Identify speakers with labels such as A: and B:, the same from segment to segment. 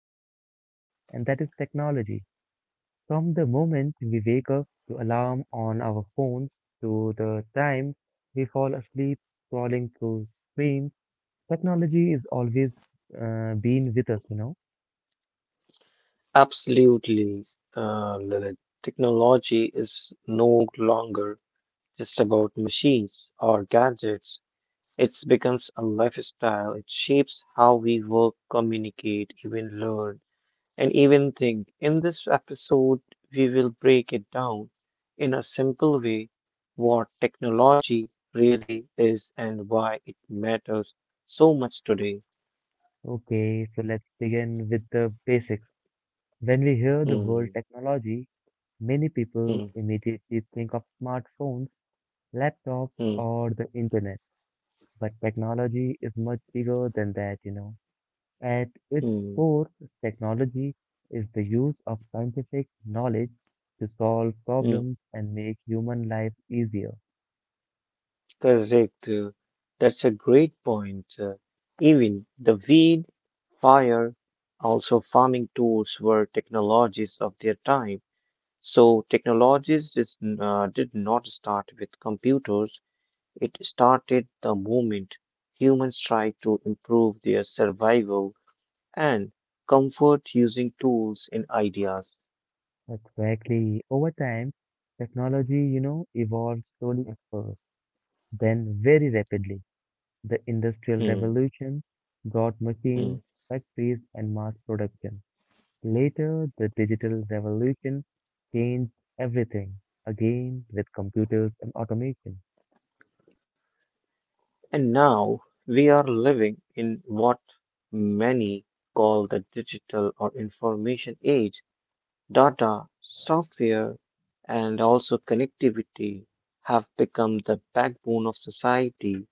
A: of our life, and that is technology. From the moment we wake up to alarm on our phones to the time we fall asleep scrolling through screens, technology is always been with us.
B: Absolutely, Lilith. Technology is no longer just about machines or gadgets. It becomes a lifestyle. It shapes how we work, communicate, even learn, and even think. In this episode, we will break it down in a simple way what technology really is and why it matters so much today.
A: Okay, so let's begin with the basics. When we hear the
B: Hmm,
A: word technology, many people
B: hmm,
A: immediately think of smartphones, laptops,
B: hmm,
A: or the internet, but technology is much bigger than that. At its
B: hmm,
A: core, technology is the use of scientific knowledge to solve
B: hmm.
A: problems and make human life easier.
B: Correct. That's a great point. Even the weed, fire, also farming tools were technologies of their time. So technologies is, did not start with computers. It started the moment humans tried to improve their survival and comfort using tools and ideas.
A: Exactly. Over time, technology evolves slowly at first, then very rapidly. The Industrial
B: Hmm,
A: Revolution brought
B: hmm.
A: machines, factories, and mass production. Later, the digital revolution changed everything, again with computers and automation.
B: And now we are living in what many call the digital or information age. Data, software, and also connectivity have become the backbone of society.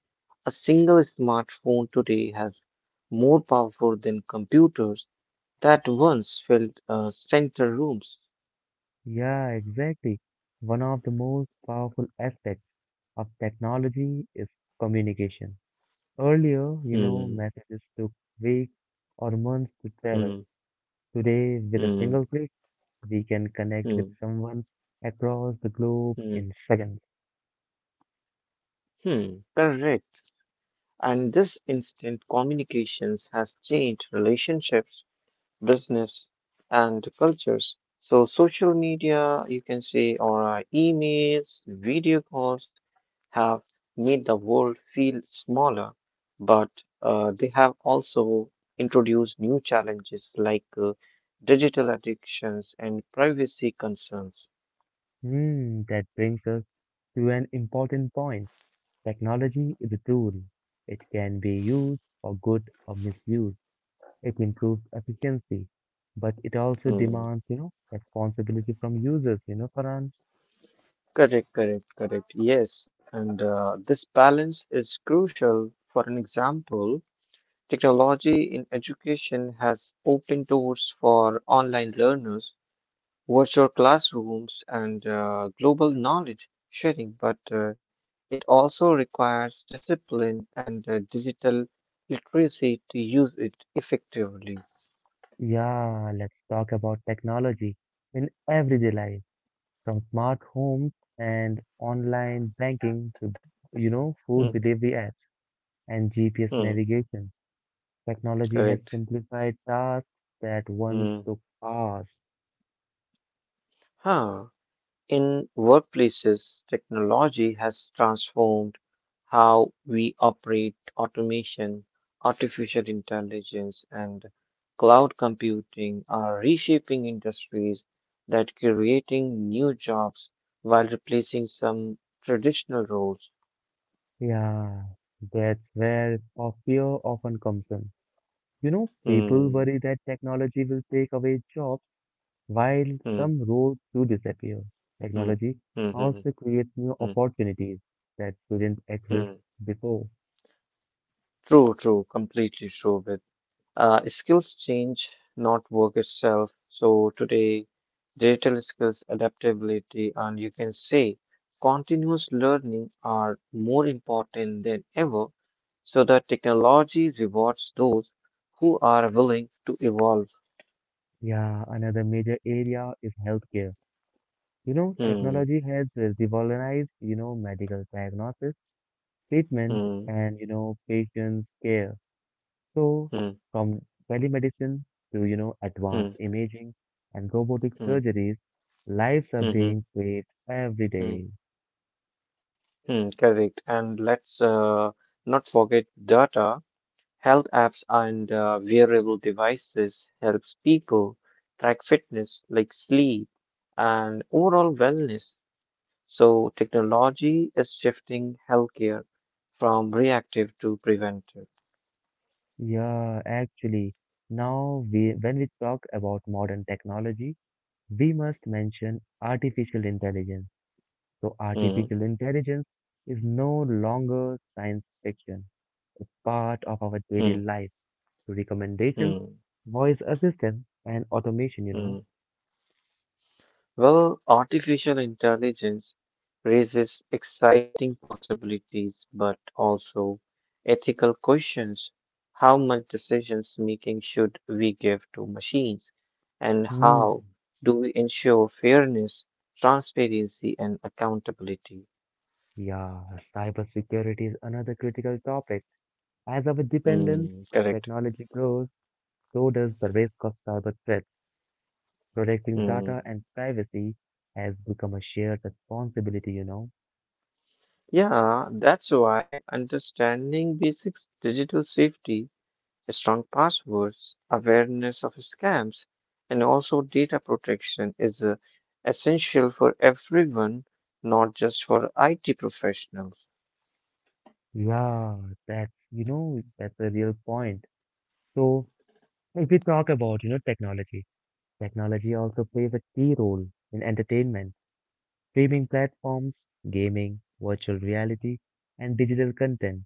B: A single smartphone today has more powerful than computers that once filled center rooms.
A: Yeah, exactly. One of the most powerful aspects of technology is communication. Earlier,
B: Hmm,
A: messages took weeks or months to travel.
B: hmm,
A: Today, with a
B: hmm,
A: single click, we can connect with
B: hmm,
A: someone across the globe
B: hmm,
A: in seconds.
B: hmm. Correct. And this instant communications has changed relationships, business, and cultures. So social media, you can say, or emails, video calls have made the world feel smaller, but they have also introduced new challenges like digital addictions and privacy concerns.
A: Hmm, that brings us to an important point. Technology is a tool. It can be used for good or misused. It improves efficiency, but it also
B: Mm,
A: demands responsibility from users, Farhan.
B: correct, correct, correct. Yes, and this balance is crucial. For an example, technology in education has opened doors for online learners, virtual classrooms, and global knowledge sharing, but it also requires discipline and digital literacy to use it effectively.
A: Yeah, let's talk about technology in everyday life, from smart homes and online banking to food delivery apps and GPS
B: Mhm,
A: navigation. Technology has
B: correct.
A: simplified tasks that once
B: Mm.
A: took hours.
B: Huh. In workplaces, technology has transformed how we operate. Automation, artificial intelligence, and cloud computing are reshaping industries that creating new jobs while replacing some traditional roles.
A: Yeah, that's where our fear often comes in. You know, people
B: Hmm,
A: worry that technology will take away jobs while
B: hmm,
A: some roles do disappear.
B: hmm,
A: Technology
B: hmm,
A: also
B: hmm,
A: creates new
B: hmm,
A: opportunities that didn't exist
B: hmm.
A: before.
B: True, true, completely true. With skills change, not work itself. So today, digital skills, adaptability, and you can say continuous learning are more important than ever. So that technology rewards those who are willing to evolve.
A: Yeah, another major area is healthcare. You know,
B: Hmm,
A: technology has revolutionized medical diagnosis, treatment,
B: hmm,
A: and, you know, patients' care. So,
B: hmm,
A: from telemedicine to
B: hmm,
A: advanced imaging and robotic
B: hmm,
A: surgeries, lives are
B: hmm, hmm,
A: being saved every
B: hmm,
A: day.
B: hmm, correct. And let's not forget data. Health apps and wearable devices helps people track fitness like sleep and overall wellness. So technology is shifting healthcare from reactive to preventive.
A: Yeah, actually, when we talk about modern technology, we must mention artificial intelligence. So,
B: Hmm,
A: artificial intelligence is no longer science fiction. It's part of our
B: hmm,
A: daily lives. So, recommendations,
B: hmm,
A: voice assistance, and automation.
B: hmm. Well, artificial intelligence raises exciting possibilities, but also ethical questions. How much decisions making should we give to machines? And
A: Hmm.
B: how do we ensure fairness, transparency, and accountability?
A: Yeah, cybersecurity is another critical topic. As our dependence
B: Hmm,
A: on
B: correct.
A: technology grows, so does the risk of cyber threats. Protecting
B: Hmm.
A: data and privacy has become a shared responsibility.
B: Yeah, that's why understanding basics digital safety strong passwords, awareness of scams, and also data protection is essential for everyone, not just for IT professionals.
A: Yeah, that's a real point. So, if we talk about technology, technology also plays a key role in entertainment. Streaming platforms, gaming, virtual reality, and digital content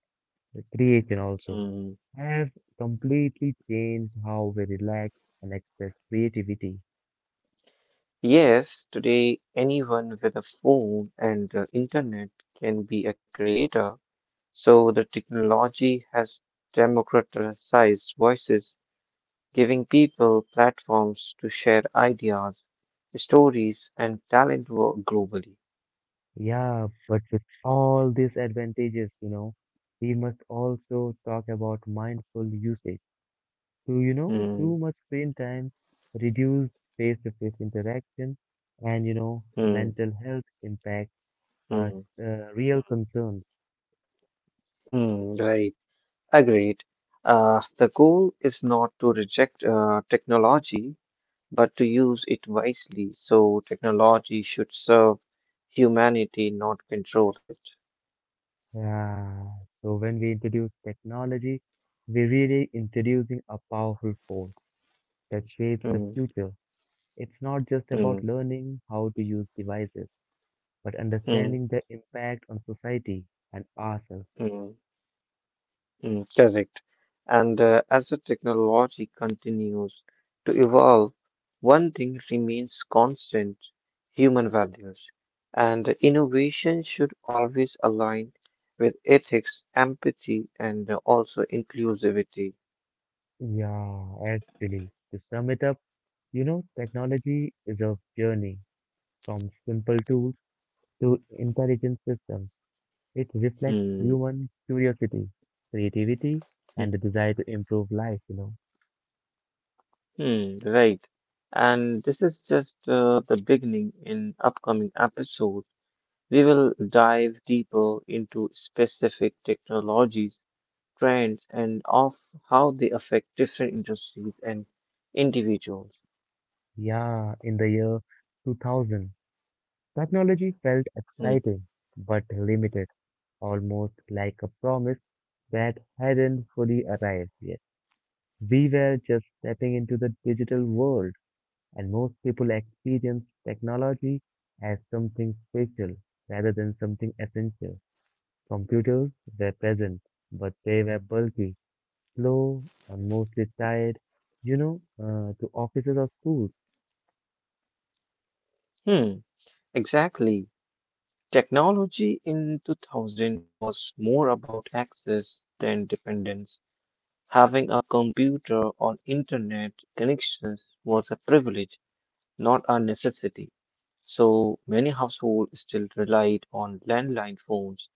A: creation also
B: Mm.
A: have completely changed how we relax and express creativity.
B: Yes, today anyone with a phone and internet can be a creator, so the technology has democratized voices, giving people platforms to share ideas, stories, and talent globally.
A: Yeah, but with all these advantages, we must also talk about mindful usage. So, you know, too
B: Mm,
A: much screen time, reduced face-to-face interaction, and
B: mm,
A: mental health impact are
B: mm.
A: real concerns.
B: Hmm, right, agreed. The goal is not to reject technology, but to use it wisely. So technology should serve humanity, not control it.
A: Yeah, so when we introduce technology, we're really introducing a powerful force that shapes the
B: Hmm,
A: future. It's not just about
B: hmm,
A: learning how to use devices, but
B: hmm,
A: understanding their impact on society and ourselves.
B: hmm. Mm, correct. And as the technology continues to evolve, one thing remains constant human values. And innovation should always align with ethics, empathy, and also inclusivity.
A: Yeah, actually, to sum it up, technology is a journey from simple tools to intelligent systems. It reflects
B: Hmm.
A: human curiosity, creativity,
B: Hmm.
A: and the desire to improve life.
B: Hmm, right. And this is just the beginning. In upcoming episodes, we will dive deeper into specific technologies trends, and of how they affect different industries and individuals.
A: Yeah, in the year 2000, technology felt
B: Hmm.
A: exciting but limited, almost like a promise that hadn't fully arrived yet. We were just stepping into the digital world, and most people experience technology as something special rather than something essential. Computers were present, but they were bulky, slow, and mostly tied to offices or schools.
B: Hmm. Exactly. Technology in 2000 was more about access than dependence. Having a computer or internet connections was a privilege, not a necessity. So many households still relied on landline phones,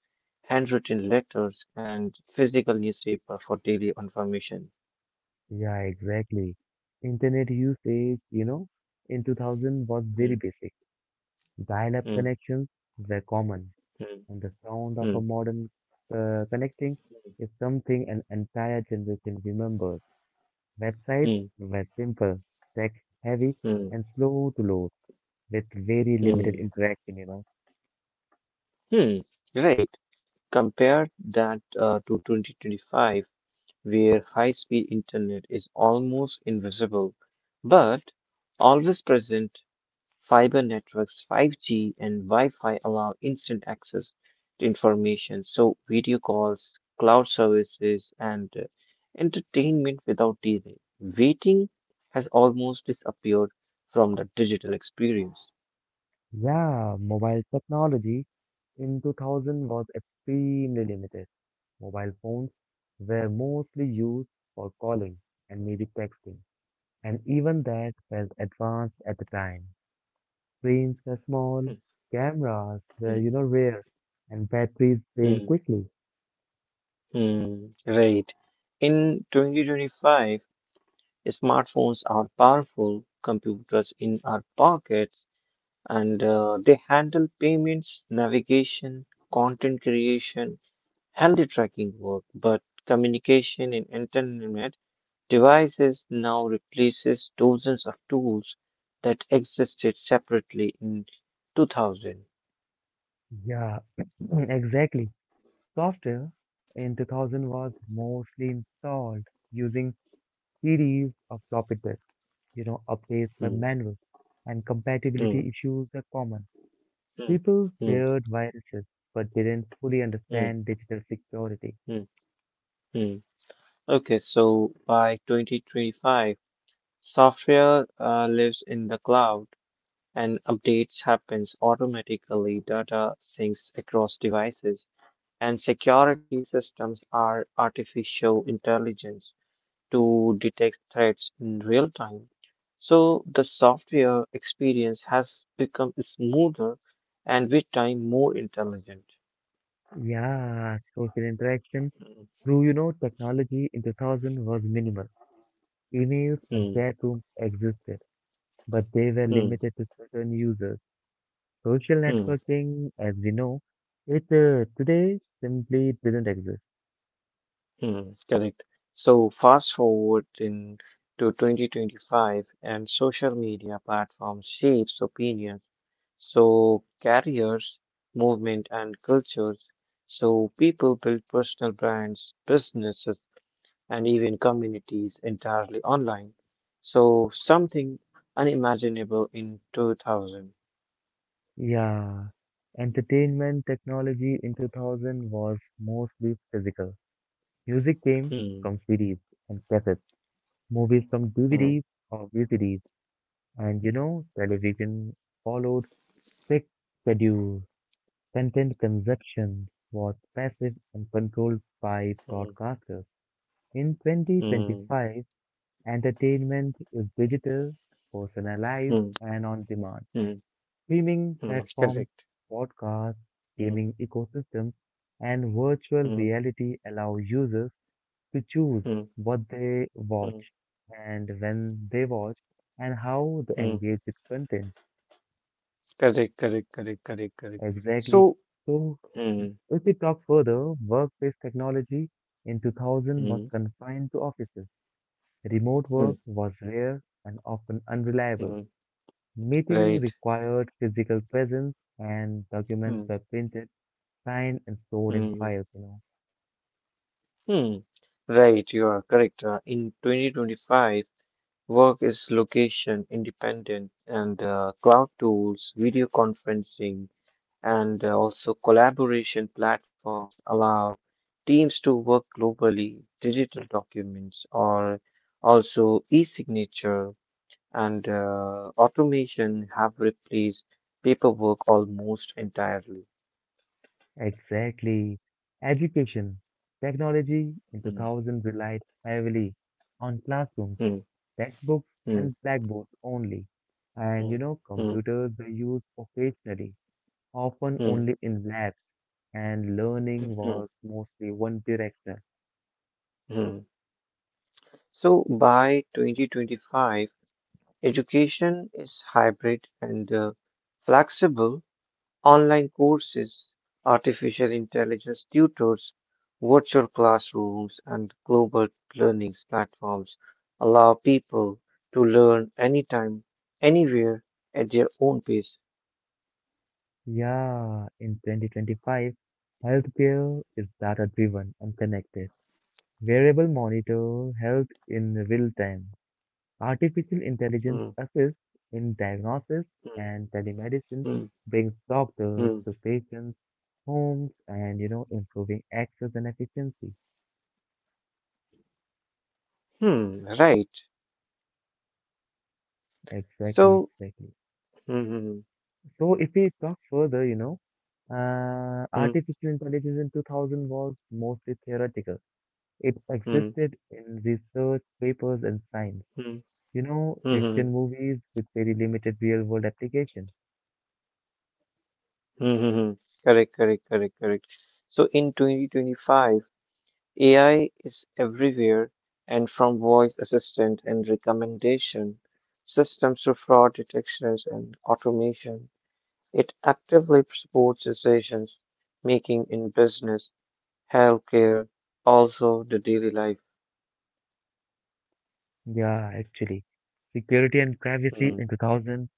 B: handwritten letters, and physical newspaper for daily information.
A: Yeah, exactly. Internet usage, in 2000 was very
B: Hmm.
A: basic. Dial-up
B: Hmm.
A: connections were common,
B: Hmm.
A: and the sound of a
B: Hmm.
A: modern connecting is something an entire generation remembers. Websites
B: Hmm,
A: were simple, text heavy, and
B: hmm,
A: slow to load with very limited
B: hmm,
A: interaction.
B: hmm. Right. Compare that to 2025, where high-speed internet is almost invisible, but always present. Fiber networks, 5G, and Wi-Fi allow instant access to information, so video calls, cloud services, and entertainment without delay. Waiting has almost disappeared from the digital experience.
A: Yeah, mobile technology in 2000 was extremely limited. Mobile phones were mostly used for calling and maybe texting, and even that felt advanced at the time. Screens are small,
B: Hmm,
A: cameras were,
B: hmm,
A: you know, rare, and batteries
B: hmm.
A: drain quickly.
B: Hmm, right. In 2025, smartphones are powerful computers in our pockets and they handle payments, navigation, content creation, healthy tracking work, but communication and entertainment devices now replaces dozens of tools that existed separately in 2000.
A: Yeah, exactly. Software in 2000 was mostly installed using series of floppy disks. You know, updates were
B: Hmm.
A: manual, and
B: Hmm.
A: compatibility issues were common.
B: Hmm.
A: People
B: Hmm.
A: feared viruses, but didn't fully
B: Hmm.
A: understand digital security.
B: Hmm. Mm. Okay, so by 2025, software lives in the cloud and updates happens automatically. Data syncs across devices and security systems are artificial intelligence to detect threats in real time. So the software experience has become smoother and with time more intelligent.
A: Yeah, social interaction
B: Hmm,
A: through technology in 2000 was minimal. Emails and
B: hmm,
A: chat rooms existed, but they were
B: hmm,
A: limited to certain users. Social
B: hmm.
A: networking, as we know, it today simply didn't exist.
B: Hmm. Correct. So fast forward in to 2025 and social media platforms shapes opinions. So careers, movement and cultures. So people build personal brands, businesses and even communities entirely online. So something unimaginable in 2000.
A: Yeah, entertainment technology in 2000 was mostly physical. Music came
B: Hmm,
A: from CDs and cassettes, movies from
B: hmm,
A: DVDs or VCDs, and you know, television followed strict schedules. Content consumption was passive and controlled by
B: hmm,
A: broadcasters. In
B: hmm,
A: 2025, entertainment is digital, personalized,
B: hmm,
A: and on demand.
B: hmm,
A: Streaming
B: hmm,
A: platforms,
B: correct.
A: podcasts,
B: Hmm,
A: gaming ecosystems, and virtual
B: hmm,
A: reality allow users to choose
B: hmm,
A: what they
B: hmm,
A: watch and when they watch and how they
B: hmm.
A: engage with content.
B: Correct, correct, correct, correct, correct.
A: Exactly.
B: So,
A: So,
B: mm,
A: if we talk further, workplace technology in 2000 was
B: mm,
A: confined to offices. Remote
B: mm,
A: work was rare and often unreliable.
B: mm,
A: Meeting
B: right,
A: required physical presence and documents
B: mm,
A: were printed, signed and stored in
B: mm,
A: files.
B: mm, right, you are correct. In 2025, work is location independent and cloud tools, video conferencing, and also collaboration platforms allow teams to work globally. Digital documents or also e-signature and automation have replaced paperwork almost entirely.
A: Exactly. Education. Technology in
B: Hmm,
A: 2000 relied heavily on classrooms,
B: hmm,
A: textbooks
B: hmm,
A: and blackboards only. And you
B: hmm,
A: know,
B: hmm,
A: computers were used occasionally, often
B: hmm,
A: only in labs, and learning
B: hmm,
A: was mostly one directional.
B: hmm. So by 2025, education is hybrid and flexible. Online courses, artificial intelligence tutors, virtual classrooms, and global learning platforms allow people to learn anytime, anywhere at their own pace.
A: Yeah, in 2025, healthcare is data-driven and connected. Wearable monitor health in real time. Artificial intelligence
B: Mm,
A: assists in diagnosis
B: mm,
A: and telemedicine
B: mm,
A: brings doctors
B: mm.
A: to patients' homes and, improving access and efficiency.
B: Hmm, right.
A: Exactly,
B: So,
A: exactly.
B: mm-hmm,
A: So if we talk further,
B: mm,
A: artificial intelligence in 2000 was mostly theoretical. It
B: mm,
A: existed in research papers and science.
B: mm,
A: You know,
B: mm-hmm,
A: fiction movies with very limited real world application.
B: mm-hmm. Correct, correct, correct, correct. So in 2025, AI is everywhere and from voice assistant and recommendation systems to fraud detections and automation, it actively supports decisions making in business, healthcare, also the daily life.
A: Yeah, actually. Security and privacy
B: Mm,
A: in 2000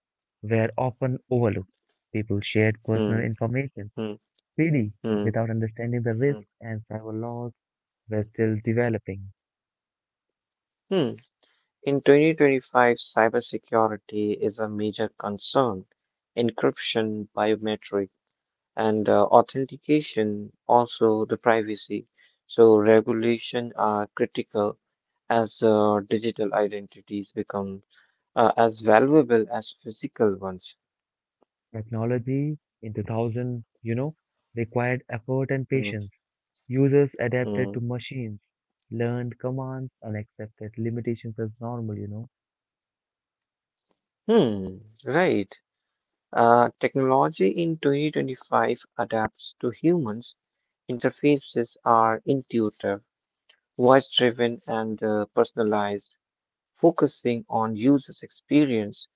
A: were often overlooked. People shared personal
B: mm,
A: information
B: mm,
A: freely
B: mm,
A: without understanding the risks,
B: mm.
A: and cyber laws were still developing.
B: Hmm. In 2025, cybersecurity is a major concern. Encryption, biometric, and authentication, also the privacy. So regulation are critical as digital identities become as valuable as physical ones.
A: Technology in 2000, you know, required effort and
B: Hmm.
A: patience. Users adapted
B: Hmm.
A: to machines, learned commands, and accepted limitations as normal.
B: Hmm, right. Technology in 2025 adapts to humans. Interfaces are intuitive voice driven and personalized, focusing on users' experience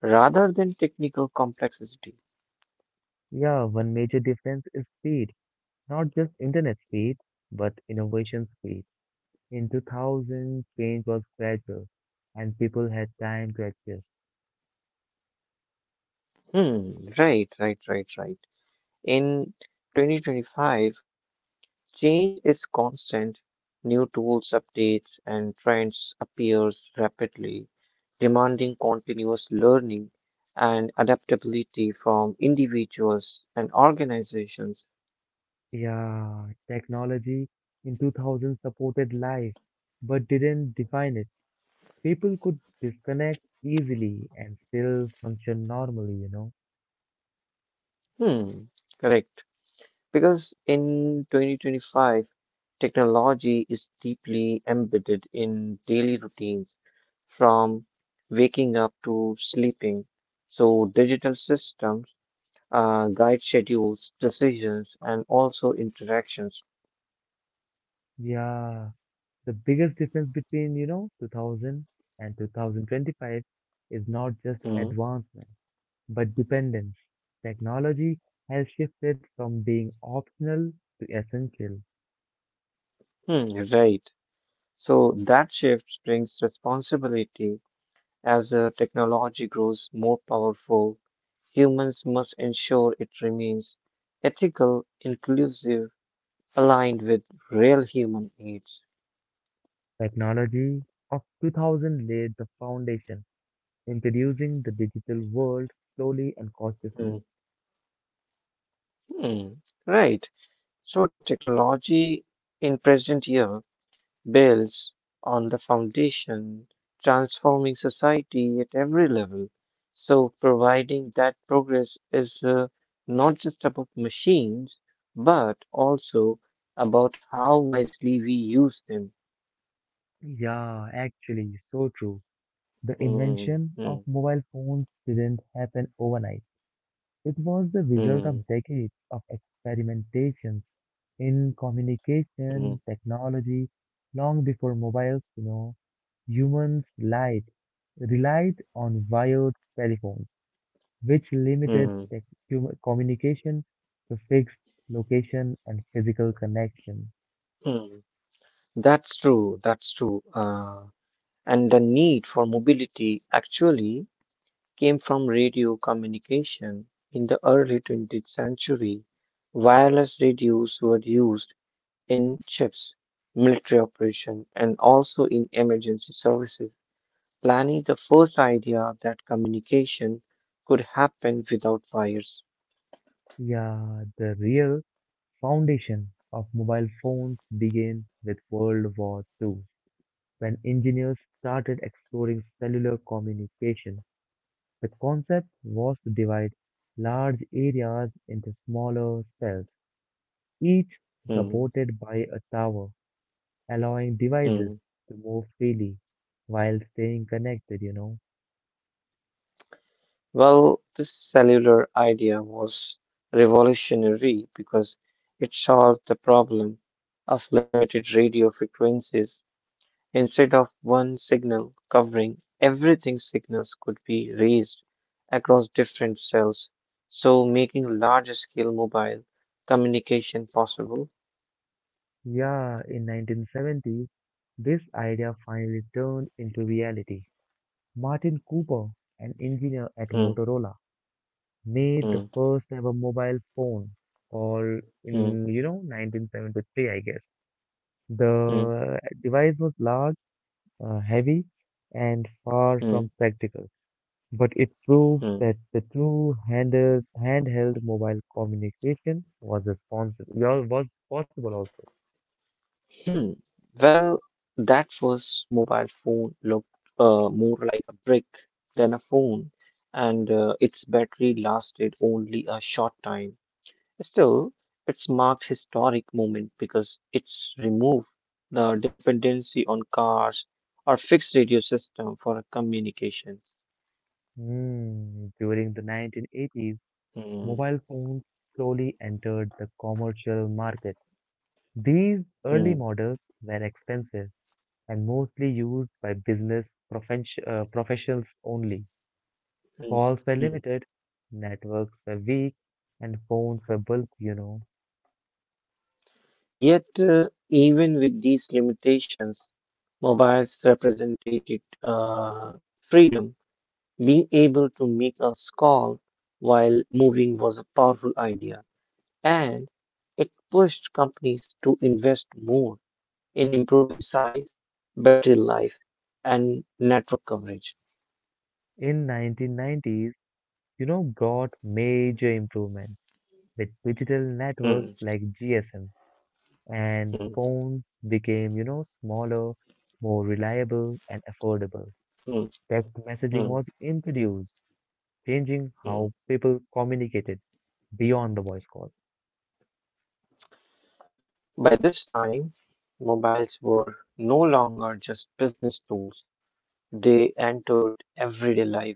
B: rather than technical complexity.
A: Yeah, one major difference is speed, not just internet speed, but innovation speed. In 2000, change was gradual and people had time to adjust.
B: Hmm, right, right, right, right. In 2025, change is constant. New tools, updates, and trends appears rapidly, demanding continuous learning and adaptability from individuals and organizations.
A: Yeah, technology in 2000 supported life, but didn't define it. People could disconnect easily and still function normally.
B: Hmm, correct. Because in 2025, technology is deeply embedded in daily routines from waking up to sleeping. So, digital systems guide schedules, decisions, and also interactions.
A: Yeah, the biggest difference between 2000 and 2025 is not just
B: Mhm.
A: advancement, but dependence. Technology has shifted from being optional to essential.
B: Hmm, right. So, that shift brings responsibility as technology grows more powerful. Humans must ensure it remains ethical, inclusive, aligned with real human needs.
A: Technology of 2000 laid the foundation, introducing the digital world slowly and cautiously.
B: Mm, mm, right. So technology in present year builds on the foundation, transforming society at every level. So providing that progress is not just about machines, but also about how wisely we use them.
A: Yeah, actually, so true. The
B: Mm,
A: invention
B: mm,
A: of mobile phones didn't happen overnight. It was the result
B: mm,
A: of decades of experimentations in communication
B: mm,
A: technology long before mobiles, humans lied, relied on wired telephones, which limited
B: mm,
A: communication to fixed location and physical connection.
B: mm. That's true. That's true. And the need for mobility actually came from radio communication. In the early 20th century, wireless radios were used in ships, military operations, and also in emergency services. Planning the first idea that communication could happen without wires.
A: Yeah, the real foundation of mobile phones began with World War Two, when engineers started exploring cellular communication. The concept was to divide large areas into smaller cells, each
B: Hmm,
A: supported by a tower, allowing
B: hmm.
A: devices to move freely while staying connected.
B: Well, this cellular idea was revolutionary because it solved the problem of limited radio frequencies. Instead of one signal covering everything, signals could be raised across different cells, so making large scale mobile communication possible.
A: Yeah, in 1970, this idea finally turned into reality. Martin Cooper, an engineer at
B: Hmm,
A: Motorola, made the
B: hmm,
A: first ever mobile phone called in,
B: hmm,
A: you know, 1973, I guess.
B: hmm,
A: The device was large heavy and far from
B: hmm,
A: practical, but it proved that
B: hmm.
A: the true handheld mobile communication was possible also.
B: Hmm. Well, that first mobile phone looked more like a brick than a phone, and its battery lasted only a short time. Still, it's marked historic moment because it's removed the dependency on cars or fixed radio system for communication.
A: Hmm, during the 1980s,
B: Hmm.
A: mobile phones slowly entered the commercial market. These early
B: Hmm.
A: models were expensive and mostly used by business professionals only.
B: Hmm.
A: Calls were
B: Hmm.
A: limited, networks were weak, and phones were bulky.
B: Yet, even with these limitations, mobiles represented freedom. Being able to make a call while moving was a powerful idea, and it pushed companies to invest more in improving size, battery life, and network coverage.
A: In 1990s, brought major improvements with digital networks
B: Hmm,
A: like GSM and
B: hmm,
A: phones became smaller, more reliable and affordable.
B: hmm,
A: Text messaging
B: hmm,
A: was introduced, changing
B: hmm.
A: how people communicated beyond the voice call.
B: By this time, mobiles were no longer just business tools, they entered everyday life,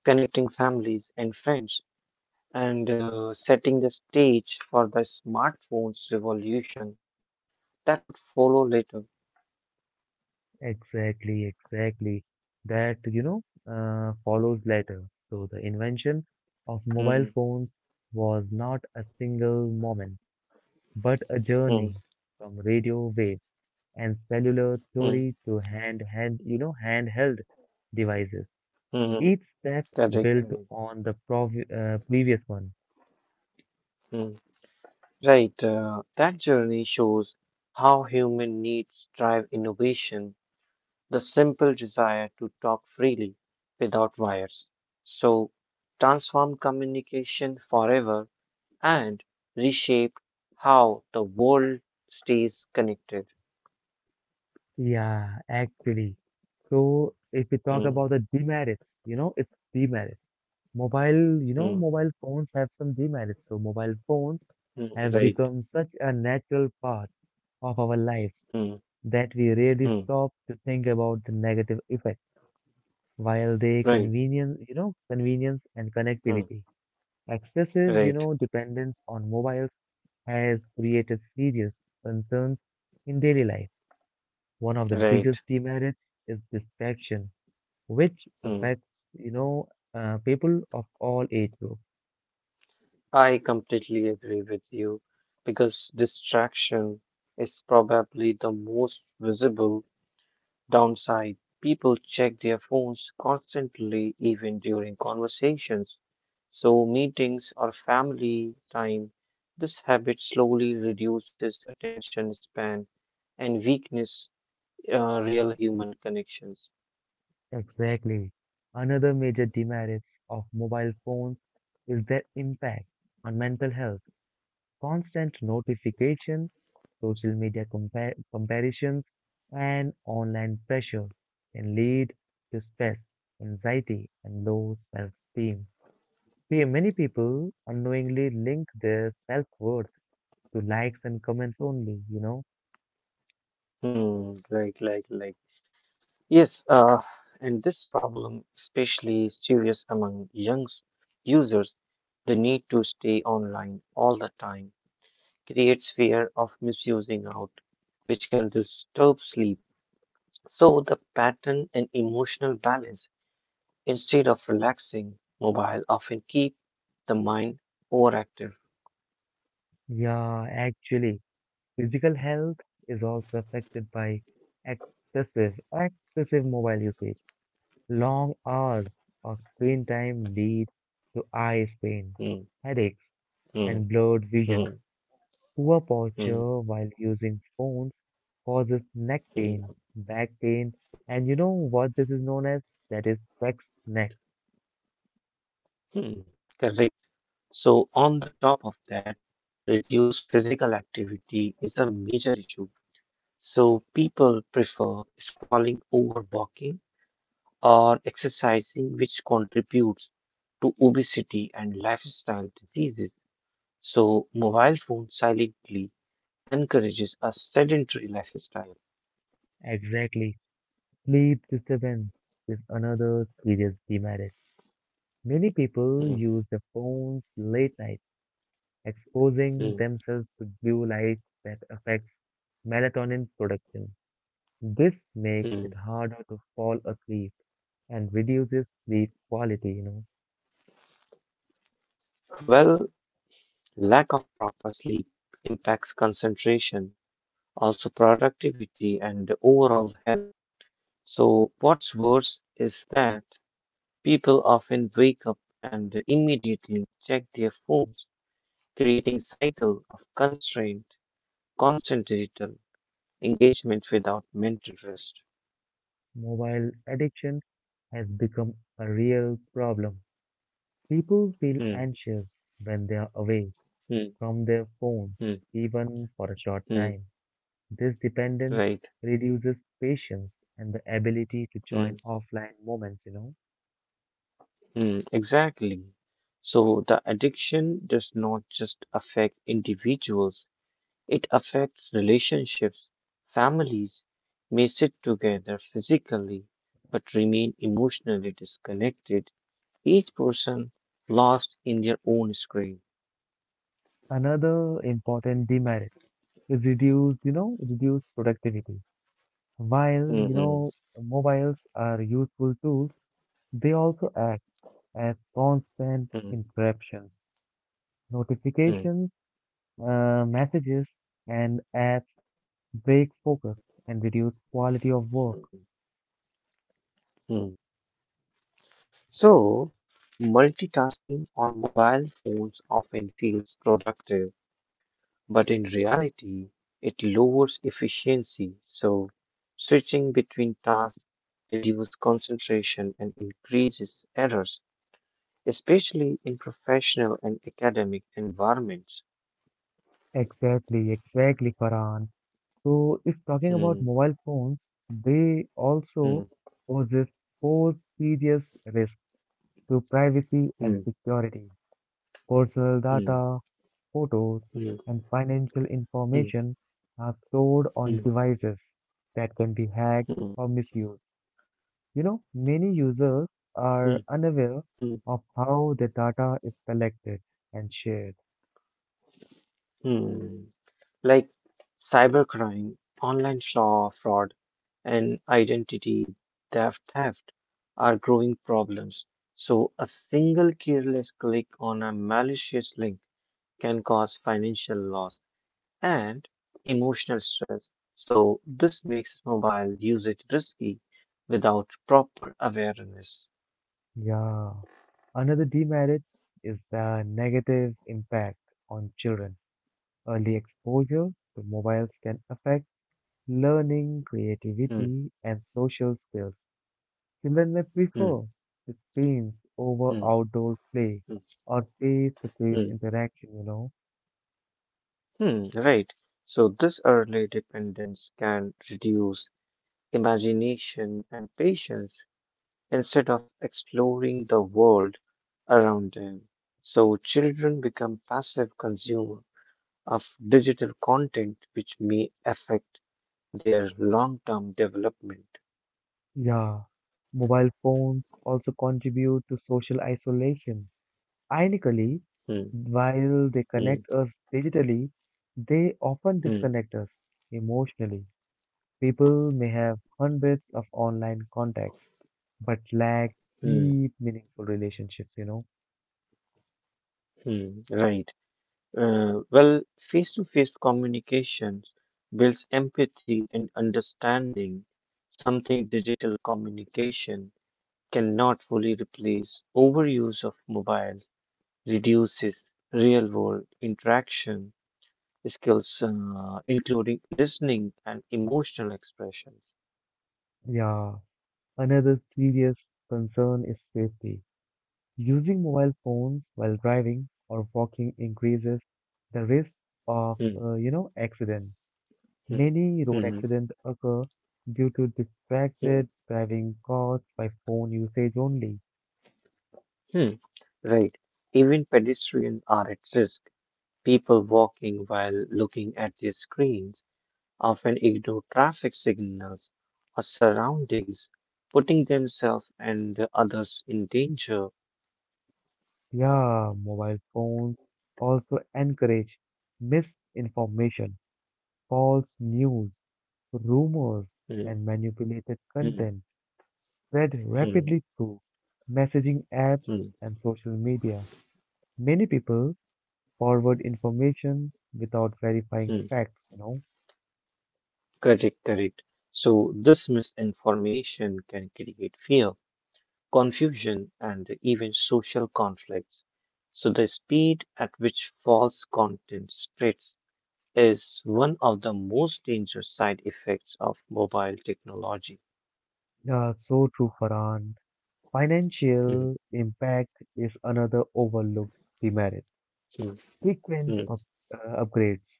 B: connecting families and friends and setting the stage for the smartphones revolution that would follow later.
A: Exactly, exactly. That follows later. So the invention of mobile
B: Mm,
A: phones was not a single moment, but a journey
B: mm,
A: from radio waves and cellular
B: mm,
A: theory to handheld devices.
B: mm,
A: Each step
B: correct,
A: built
B: correct.
A: on the previous one.
B: Mm. Right, that journey shows how human needs drive innovation, the simple desire to talk freely without wires. So, transform communication forever and reshape how the world stays connected.
A: Yeah, actually, so if we talk
B: Mm,
A: about the demerits you know it's demerits mobile you
B: mm,
A: know mobile phones have some demerits. So mobile phones
B: mm,
A: have
B: right,
A: become such a natural part of our lives
B: mm,
A: that we rarely
B: mm,
A: stop to think about the negative effects while they
B: right,
A: convenience and
B: mm,
A: connectivity. Excessive, you
B: right,
A: know, dependence on mobiles has created serious concerns in daily life. One of the
B: right.
A: biggest demerits is distraction, which
B: Mm.
A: affects, you know, people of all age groups.
B: I completely agree with you because distraction is probably the most visible downside. People check their phones constantly, even during conversations. So, meetings or family time, this habit slowly reduces attention span and weakness real human connections.
A: Exactly. Another major demerits of mobile phones is their impact on mental health. Constant notifications, social media comparisons, and online pressure can lead to stress, anxiety, and low self esteem. Many people unknowingly link their self worth to likes and comments only, you know?
B: Hmm, like, like. Yes, and this problem especially serious among young users. The need to stay online all the time creates fear of misusing out, which can disturb sleep. So the pattern and emotional balance, instead of relaxing, mobile often keep the mind overactive.
A: Yeah, actually, physical health is also affected by excessive mobile usage. Long hours of screen time lead to eye strain,
B: Hmm,
A: headaches,
B: hmm,
A: and blurred vision.
B: hmm,
A: Poor
B: hmm,
A: posture while using phones causes neck
B: hmm.
A: pain, back pain, and you know what this is known as? That is sex neck.
B: Hmm, correct. So, on the top of that, reduced physical activity is a major issue. So, people prefer scrolling over walking or exercising, which contributes to obesity and lifestyle diseases. So, mobile phone silently encourages a sedentary lifestyle.
A: Exactly. Sleep disturbance is another serious demerit. Many people
B: Hmm,
A: use their phones late night, exposing
B: hmm,
A: themselves to blue light that affects melatonin production. This makes
B: hmm.
A: it harder to fall asleep and reduces sleep quality.
B: Well, lack of proper sleep impacts concentration also productivity and overall health. So, what's worse is that people often wake up and immediately check their phones, creating cycle of constant digital engagement without mental rest.
A: Mobile addiction has become a real problem. People feel
B: Hmm,
A: anxious when they are away
B: hmm,
A: from their phones,
B: hmm,
A: even for a short
B: hmm,
A: time. This dependence
B: right.
A: reduces patience and the ability to
B: Hmm,
A: join offline moments.
B: hmm, exactly. So the addiction does not just affect individuals, it affects relationships. Families may sit together physically but remain emotionally disconnected, each person lost in their own screen.
A: Another important demerit is reduce productivity. While, you
B: Mhm,
A: know, mobiles are useful tools, they also act as constant
B: mhm,
A: interruptions.
B: mhm,
A: Notifications messages and apps break focus and reduce quality of work.
B: mhm. So, multitasking on mobile phones often feels productive, but in reality, it lowers efficiency. So, switching between tasks reduces concentration and increases errors, especially in professional and academic environments.
A: Exactly, exactly, Farhan. So, if talking about
B: Mm,
A: mobile phones, they also
B: mm,
A: poses four serious risks to privacy and
B: mm,
A: security. Personal
B: mm,
A: data, photos,
B: mm,
A: and financial
B: mm,
A: information are stored on
B: mm,
A: devices that can be hacked
B: mm,
A: or misused. Many users
B: mm,
A: are unaware
B: mm,
A: of how the data is collected and shared.
B: mm. Like cybercrime, online law fraud, and identity theft are growing problems. So, a single careless click on a malicious link can cause financial loss and emotional stress. So, this makes mobile usage risky without proper awareness.
A: Yeah. Another demerit is the negative impact on children. Early exposure to mobiles can affect learning,
B: Hmm,
A: creativity, and social skills. Children may
B: hmm,
A: prefer the screens over
B: hmm,
A: outdoor play
B: hmm,
A: or face-to-face
B: hmm,
A: interaction.
B: hmm, right. So, this early dependence can reduce imagination and patience instead of exploring the world around them. So, children become passive consumer of digital content, which may affect their long term development.
A: Yeah. Mobile phones also contribute to social isolation. Ironically,
B: Hmm,
A: while they
B: hmm,
A: connect us digitally, they often
B: hmm.
A: disconnect us emotionally. People may have hundreds of online contacts, but lack
B: Hmm,
A: deep, meaningful relationships?
B: hmm, right. Well, face-to-face communications builds empathy and understanding, something digital communication cannot fully replace. Overuse of mobiles reduces real-world interaction skills, including listening and emotional expression.
A: Yeah. Another serious concern is safety. Using mobile phones while driving or walking increases the risk of
B: Hmm,
A: accident.
B: hmm,
A: Many road
B: hmm,
A: accidents occur due to
B: hmm,
A: distracted driving caused by phone usage only.
B: hmm. Right. Even pedestrians are at risk. People walking while looking at their screens often ignore traffic signals or surroundings, putting themselves and the others in danger.
A: Yeah, mobile phones also encourage misinformation, false news, rumors,
B: Mm,
A: and manipulated
B: mm,
A: content spread
B: mm,
A: rapidly through messaging apps
B: mm,
A: and social media. Many people forward information without verifying
B: mm.
A: facts.
B: Correct, correct. So, this misinformation can create fear, confusion, and even social conflicts. So, the speed at which false content spreads is one of the most dangerous side effects of mobile technology.
A: Yeah, so true, Farhan.
B: Hmm.
A: Financial impact is another overlooked demerit.
B: Hmm,
A: Frequent
B: hmm,
A: upgrades,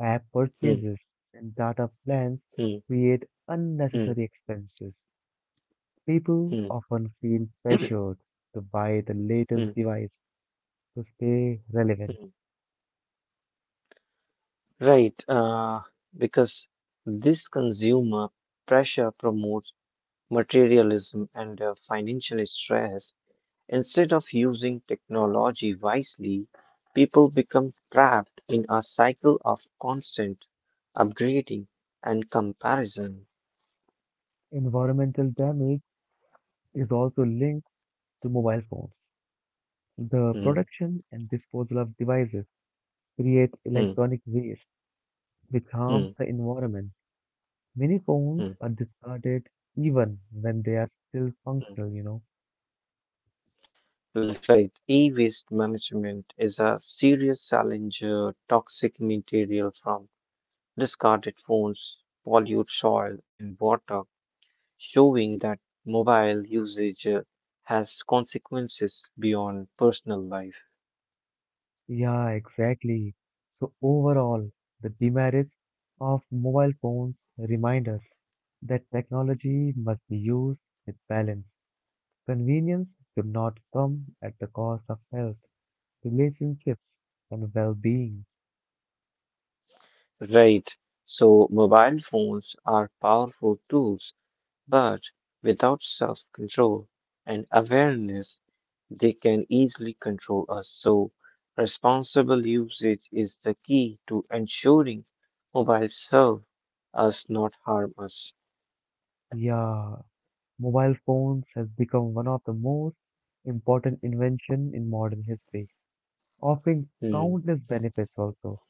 A: app
B: hmm,
A: purchases, and data plans
B: hmm,
A: create
B: hmm,
A: unnecessary expenses.
B: hmm,
A: People often feel
B: hmm, hmm, hmm,
A: pressured to buy the latest
B: hmm,
A: device to stay relevant.
B: hmm. Right, because this consumer pressure promotes materialism and financial stress. Instead of using technology wisely, people become trapped in a cycle of constant upgrading and comparison.
A: Environmental damage is also linked to mobile phones. The
B: Hmm,
A: production and disposal of devices create
B: hmm,
A: electronic waste, which harms
B: hmm,
A: the environment. Many
B: hmm,
A: phones are discarded even when they are still
B: hmm.
A: functional.
B: That's right. E waste management is a serious challenge. Toxic material from discarded phones pollute soil and water, showing that mobile usage has consequences beyond personal life.
A: Yeah, exactly. So overall, the demerits of mobile phones remind us that technology must be used with balance. Convenience should not come at the cost of health, relationships, and well-being.
B: Right. So, mobile phones are powerful tools, but without self control and awareness, they can easily control us, so responsible usage is the key to ensuring mobiles serve us, not harm us.
A: Yeah, mobile phones has become one of the most important invention in modern history, offering
B: Hmm,
A: countless benefits also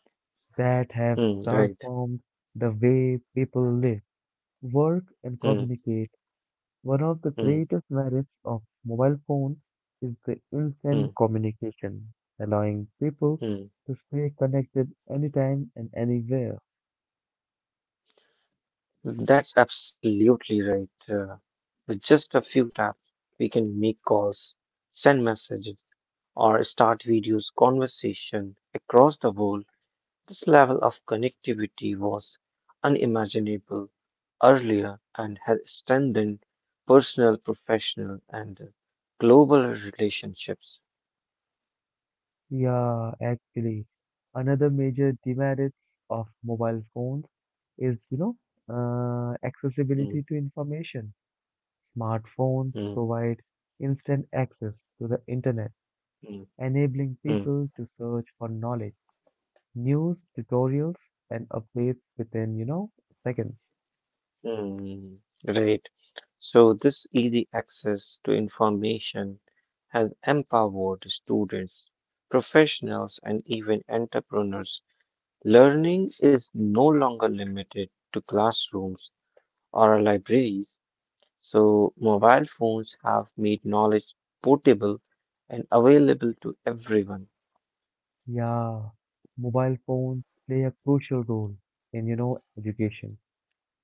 A: that have
B: hmm, right.
A: transformed the way people live, work, and
B: Hmm,
A: communicate. One of the
B: hmm,
A: greatest merits of mobile phone is the
B: hmm,
A: instant communication, allowing people
B: hmm.
A: to stay connected anytime and anywhere.
B: That's absolutely right. With just a few taps, we can make calls, send messages, or start videos conversation across the world. This level of connectivity was unimaginable earlier and has strengthened personal, professional, and global relationships.
A: Yeah, actually, another major demerits of mobile phones is
B: Mm,
A: accessibility to information. Smartphones
B: mm,
A: provide instant access to the internet
B: mm,
A: enabling
B: mm,
A: people to search for knowledge, news, tutorials, and updates within seconds.
B: mm. Right. So, this easy access to information has empowered students, professionals, and even entrepreneurs. Learning is no longer limited to classrooms or libraries. So, mobile phones have made knowledge portable and available to everyone.
A: Yeah, mobile phones play a crucial role in education.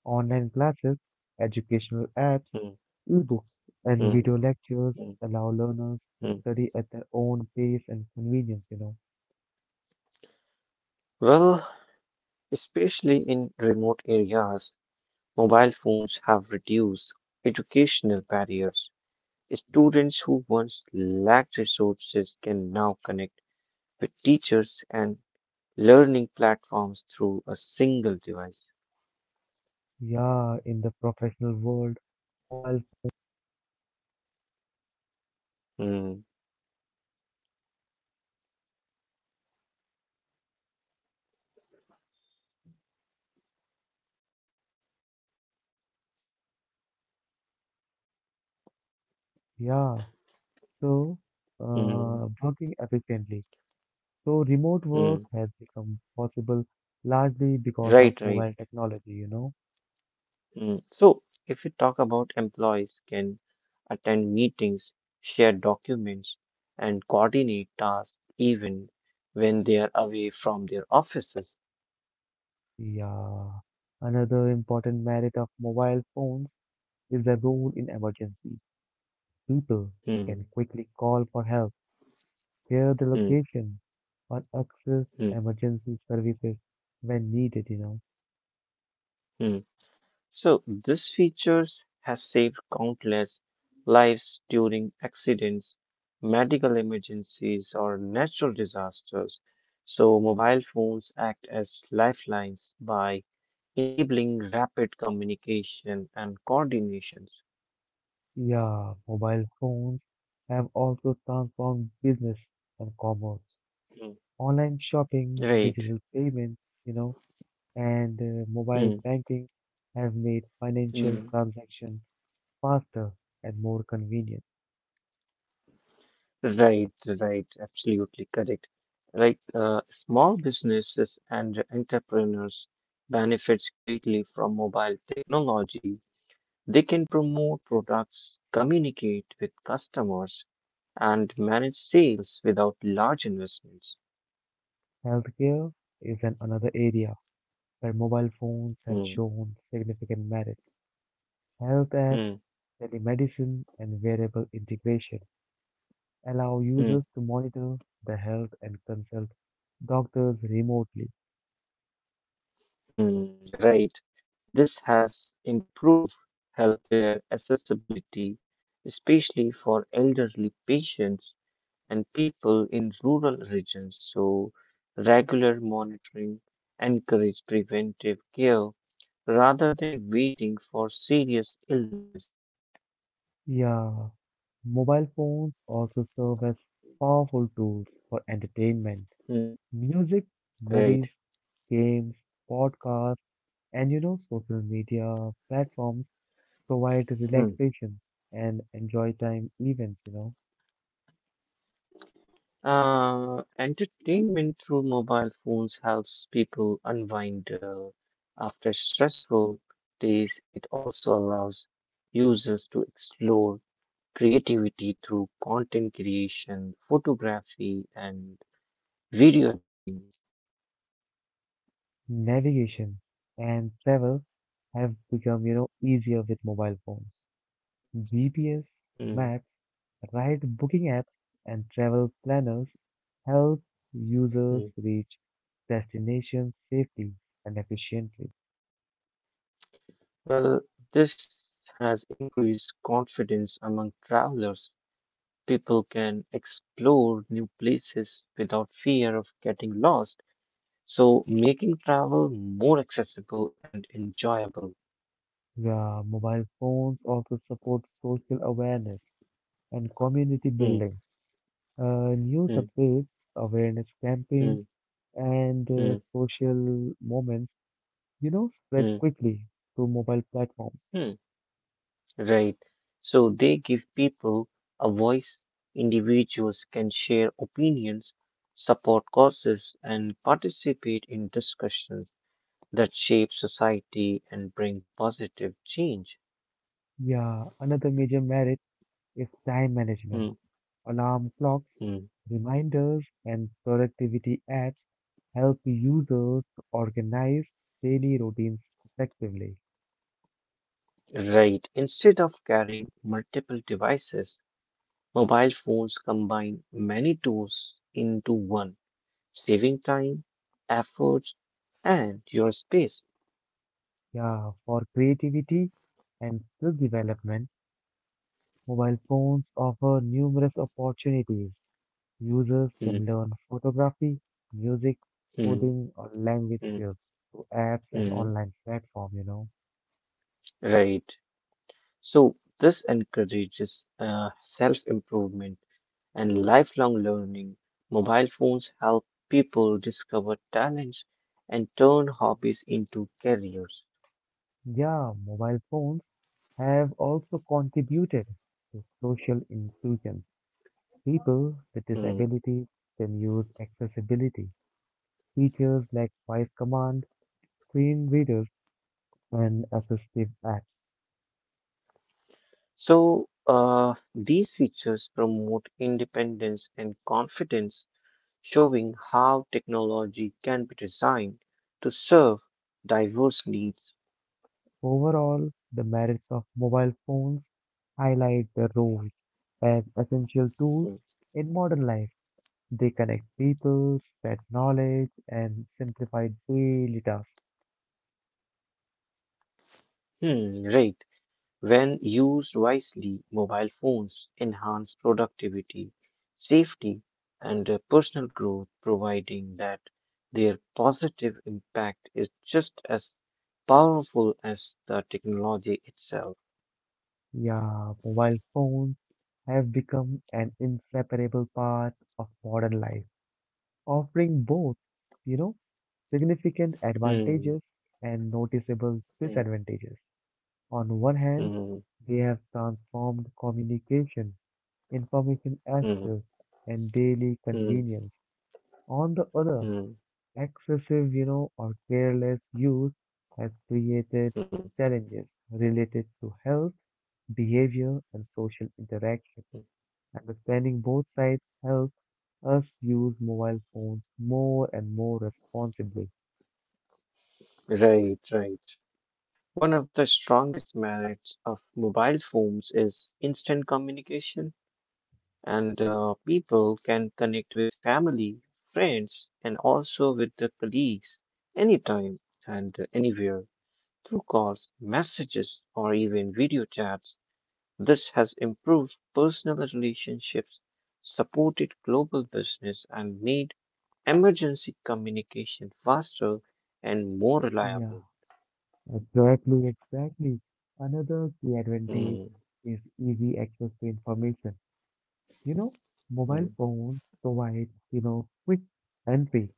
A: Online classes, educational apps,
B: Hmm,
A: ebooks, and
B: hmm,
A: video lectures
B: hmm,
A: allow learners to
B: hmm.
A: study at their own pace and convenience.
B: Well, especially in remote areas, mobile phones have reduced educational barriers. Students who once lacked resources can now connect with teachers and learning platforms through a single device.
A: Yeah, in the professional world, mobile,
B: Hmm,
A: yeah, so
B: hmm,
A: working efficiently. So remote
B: hmm.
A: work has become possible largely because of
B: Right, right.
A: mobile technology.
B: Mm, so, if you talk about employees can attend meetings, share documents, and coordinate tasks even when they are away from their offices.
A: Yeah. Another important merit of mobile phones is their role in emergency. People
B: Hmm,
A: can quickly call for help, share the
B: hmm,
A: location, or access
B: hmm,
A: emergency services when needed.
B: hmm. So, this features has saved countless lives during accidents, medical emergencies, or natural disasters. So, mobile phones act as lifelines by enabling rapid communication and coordinations.
A: Yeah, mobile phones have also transformed business and commerce.
B: Mm.
A: Online shopping,
B: Right.
A: digital payments, you know, and mobile
B: Mm.
A: banking have made financial
B: Mm.
A: transactions faster and more convenient.
B: Right, right, absolutely correct. Like small businesses and entrepreneurs benefits greatly from mobile technology. They can promote products, communicate with customers, and manage sales without large investments.
A: Healthcare is an another area where mobile phones have
B: Mm.
A: shown significant merit. Health apps,
B: Mm.
A: telemedicine, and wearable integration allow users
B: Mm.
A: to monitor their health and consult doctors remotely.
B: Hmm. Right. This has improved healthcare accessibility, especially for elderly patients and people in rural regions. So, regular monitoring encourages preventive care rather than waiting for serious illness.
A: Yeah, mobile phones also serve as powerful tools for entertainment.
B: Hmm,
A: Music,
B: right.
A: movies, games, podcasts, and social media platforms provide relaxation and enjoy time events.
B: Entertainment through mobile phones helps people unwind after stressful days. It also allows users to explore creativity through content creation, photography, and video editing.
A: Navigation and travel have become easier with mobile phones. GPS,
B: Hmm,
A: maps, ride booking apps, and travel planners help
B: hmm.
A: users reach destinations safely and efficiently.
B: Well, this has increased confidence among travelers. People can explore new places without fear of getting lost. So making travel more accessible and enjoyable.
A: Yeah, mobile phones also support social awareness and community
B: Hmm,
A: building. News
B: hmm,
A: updates, awareness
B: hmm,
A: campaigns, and
B: hmm,
A: social moments spread
B: hmm,
A: quickly through mobile platforms.
B: hmm. Right. So they give people a voice. Individuals can share opinions, support causes, and participate in discussions that shape society and bring positive change.
A: Yeah, another major merit is time management.
B: Hmm,
A: Alarm clocks,
B: hmm.
A: reminders, and productivity apps help users organize daily routines effectively.
B: Right. Instead of carrying multiple devices, mobile phones combine many tools into one, saving time, efforts, and your space.
A: Yeah, for creativity and skill development, mobile phones offer numerous opportunities. Users
B: Hmm,
A: can learn photography, music,
B: hmm,
A: coding, or language
B: hmm,
A: skills through apps and
B: hmm.
A: online platform.
B: Right. So, this encourages self improvement and lifelong learning. Mobile phones help people discover talents and turn hobbies into careers.
A: Yeah, mobile phones have also contributed to social inclusions. People with
B: Hmm.
A: disabilities can use accessibility features like voice command, screen readers, and assistive apps.
B: So, these features promote independence and confidence showing how technology can be designed to serve diverse needs.
A: Overall, the merits of mobile phones highlight their roles as essential tools in modern life. They connect people, spread knowledge, and simplify daily tasks.
B: Hmm, right. When used wisely, mobile phones enhance productivity, safety, and personal growth, providing that their positive impact is just as powerful as the technology itself.
A: Yeah, mobile phones have become an inseparable part of modern life, offering both, you know, significant
B: Hmm,
A: advantages and noticeable
B: hmm,
A: disadvantages. On one hand,
B: hmm,
A: they have transformed communication information
B: hmm,
A: access and daily
B: hmm,
A: convenience. On the other,
B: hmm,
A: excessive or careless use has created
B: hmm.
A: challenges related to health, behavior, and social interaction. Understanding both sides helps us use mobile phones more and more responsibly.
B: Right, right. One of the strongest merits of mobile phones is instant communication, and people can connect with family, friends, and also with the colleagues anytime and anywhere through calls, messages, or even video chats. This has improved personal relationships, supported global business, and made emergency communication faster and more
A: Yeah,
B: reliable.
A: exactly, exactly. Another key advantage
B: Mm,
A: is easy access to information. You know,
B: mm,
A: mobile phones provide quick entry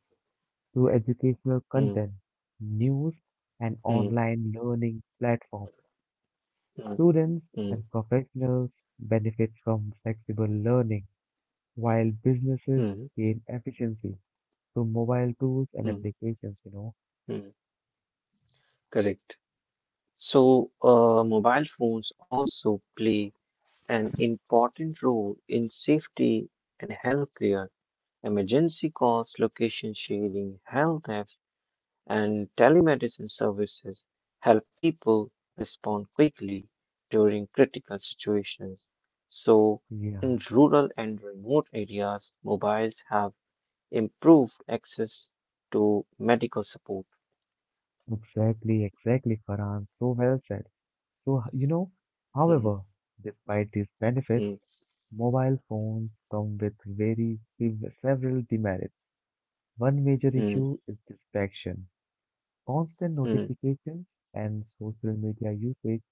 A: to educational
B: mm,
A: content, news, and
B: mm.
A: online learning platforms.
B: Mm,
A: Students
B: mm,
A: and professionals benefit from flexible learning, while businesses
B: mm,
A: gain efficiency through mobile tools and
B: mm,
A: applications.
B: mm. Correct. So, mobile phones also play an important role in safety and healthcare. Emergency calls, location sharing, health apps, and telemedicine services help people respond quickly during critical situations. So,
A: Yeah.
B: in rural and remote areas, mobiles have improved access to medical support.
A: Exactly, exactly, Farhan. So well said. So,
B: Mm,
A: however, despite these benefits,
B: mm.
A: mobile phones come with very several demerits. One major
B: Mm,
A: issue is distraction. Constant
B: mm,
A: notifications and social media usage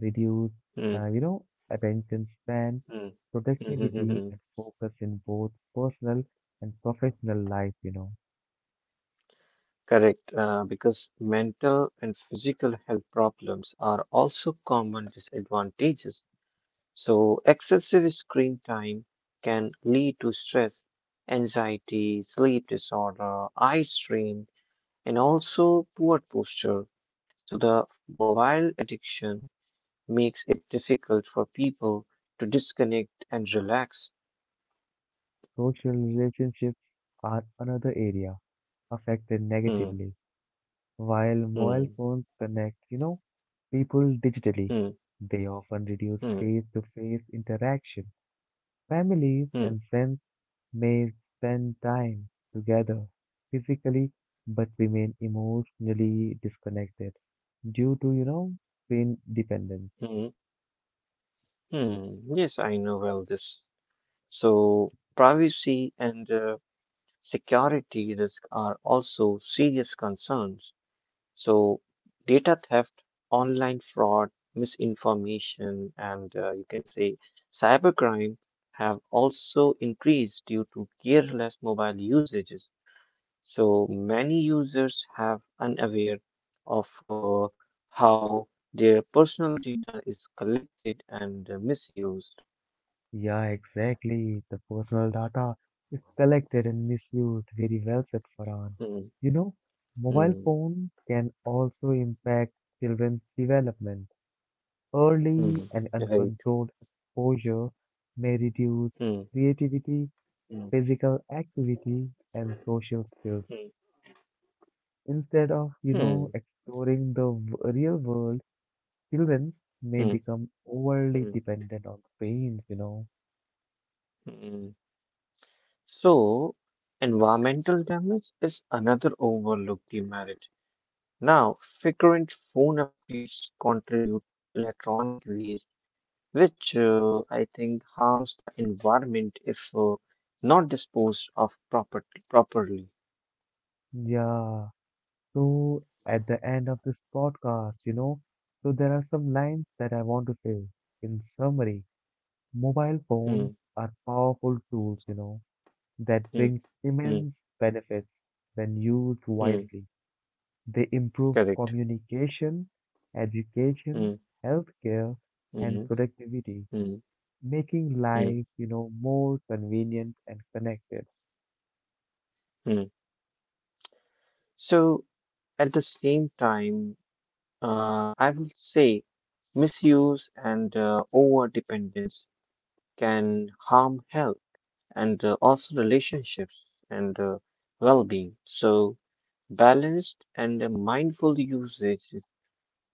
A: reduce,
B: mm, mm,
A: uh, you know, attention span,
B: mm, mm, mm,
A: productivity,
B: mm.
A: and focus in both personal and professional life.
B: Correct, because mental and physical health problems are also common disadvantages. So, excessive screen time can lead to stress, anxiety, sleep disorder, eye strain, and also poor posture. So, the mobile addiction makes it difficult for people to disconnect and relax.
A: Social relationships are another area affected
B: Hmm.
A: negatively. While mobile
B: Hmm.
A: phones connect people digitally,
B: Hmm.
A: they often reduce
B: Hmm.
A: face-to-face interaction. Families and
B: Hmm.
A: friends may spend time together physically but remain emotionally disconnected due to screen dependence.
B: Mm. Hmm. Yes, I know well this. So, privacy and security risk are also serious concerns. So, data theft, online fraud, misinformation, and you can say cybercrime have also increased due to careless mobile usages. So, many users have unaware of how their personal data is collected and misused.
A: Yeah, exactly. The personal data is collected and misused. Very well said, Farhan.
B: Hmm.
A: You know, mobile
B: Mm,
A: phone can also impact children's development. Early
B: mm,
A: and
B: right.
A: uncontrolled exposure may reduce
B: Mm,
A: creativity,
B: mm,
A: physical activity, and social skills.
B: mm,
A: Instead of
B: mm,
A: exploring the real world, children may
B: mm,
A: become overly
B: mm,
A: dependent on screens.
B: mm. So, environmental damage is another overlooked demerit. Now, frequent phone updates contribute to electronic waste, which I think harms the environment if not disposed of properly.
A: Yeah. So at the end of this podcast so there are some lines that I want to say. In summary, mobile
B: Mm,
A: phones are powerful tools that
B: mm,
A: bring
B: mm,
A: immense benefits when used
B: mm.
A: wisely. They improve
B: Correct.
A: communication, education,
B: Mm,
A: healthcare, and
B: mm,
A: productivity,
B: mm,
A: making
B: mm,
A: life more convenient and connected.
B: mm. So, at the same time, I will say misuse and over dependence can harm health and also relationships and well being. So, balanced and mindful usage is,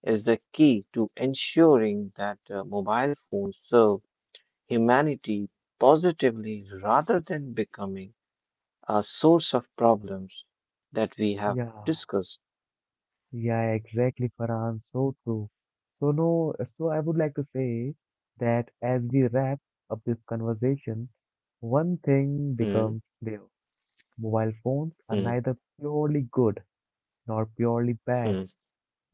B: is the key to ensuring that mobile phones serve humanity positively rather than becoming a source of problems that we have
A: Yeah.
B: discussed.
A: Yeah, exactly, Farhan. So true. So no, so I would like to say that as we wrap up this conversation, one thing
B: Hmm,
A: becomes clear. Mobile phones are
B: hmm,
A: neither purely good nor purely bad.
B: hmm.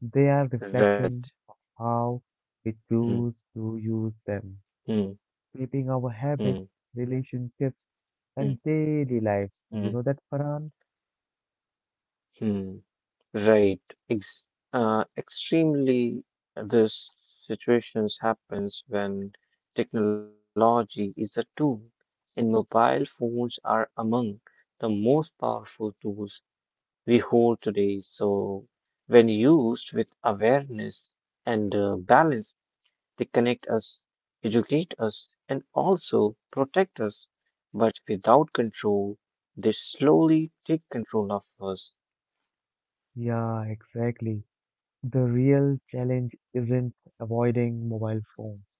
A: They are
B: Right.
A: reflection of how we
B: Hmm,
A: choose to use them,
B: hmm,
A: shaping our
B: hmm.
A: habits, relationships,
B: Mm,
A: and daily lives.
B: mm,
A: You know that, Farhan?
B: mm. Right. Ex extremely, these situations happens when technology is a tool, and mobile phones are among the most powerful tools we hold today. So, when used with awareness and balance, they connect us, educate us, and also protect us. But without control, they slowly take control of us.
A: Yeah, exactly. The real challenge isn't avoiding mobile phones,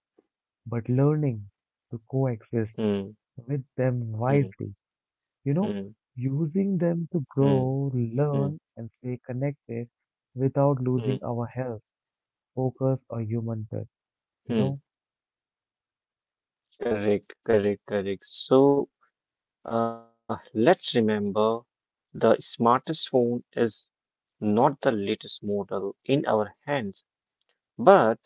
A: but learning to coexist
B: Mm,
A: with them
B: mm,
A: wisely. You know,
B: mm,
A: using them to
B: mm,
A: grow,
B: mm,
A: learn, and stay connected without losing
B: mm,
A: our health, focus, or human touch. You
B: mm.
A: know.
B: Correct, correct, correct. So, let's remember the smartest phone is not the latest model in our hands, but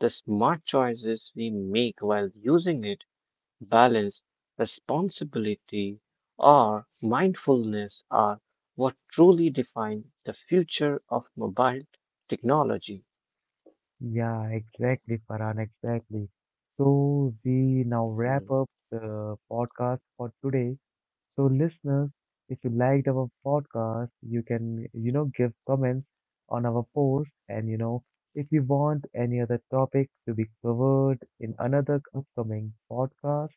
B: the smart choices we make while using it, balance, responsibility, or mindfulness are what truly define the future of mobile technology.
A: Yeah, exactly, Farhan, exactly. So we now wrap
B: Mm.
A: up the podcast for today. So listeners, if you liked our podcast, you can give comments on our post and if you want any other topic to be covered in another upcoming podcast,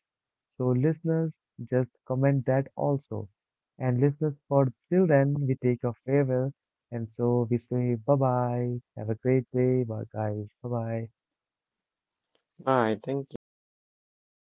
A: so listeners, just comment that also. And listeners, for till then, we take a farewell. And so we say bye bye. Have a great day, bye guys. Bye bye.
B: Bye, thank you.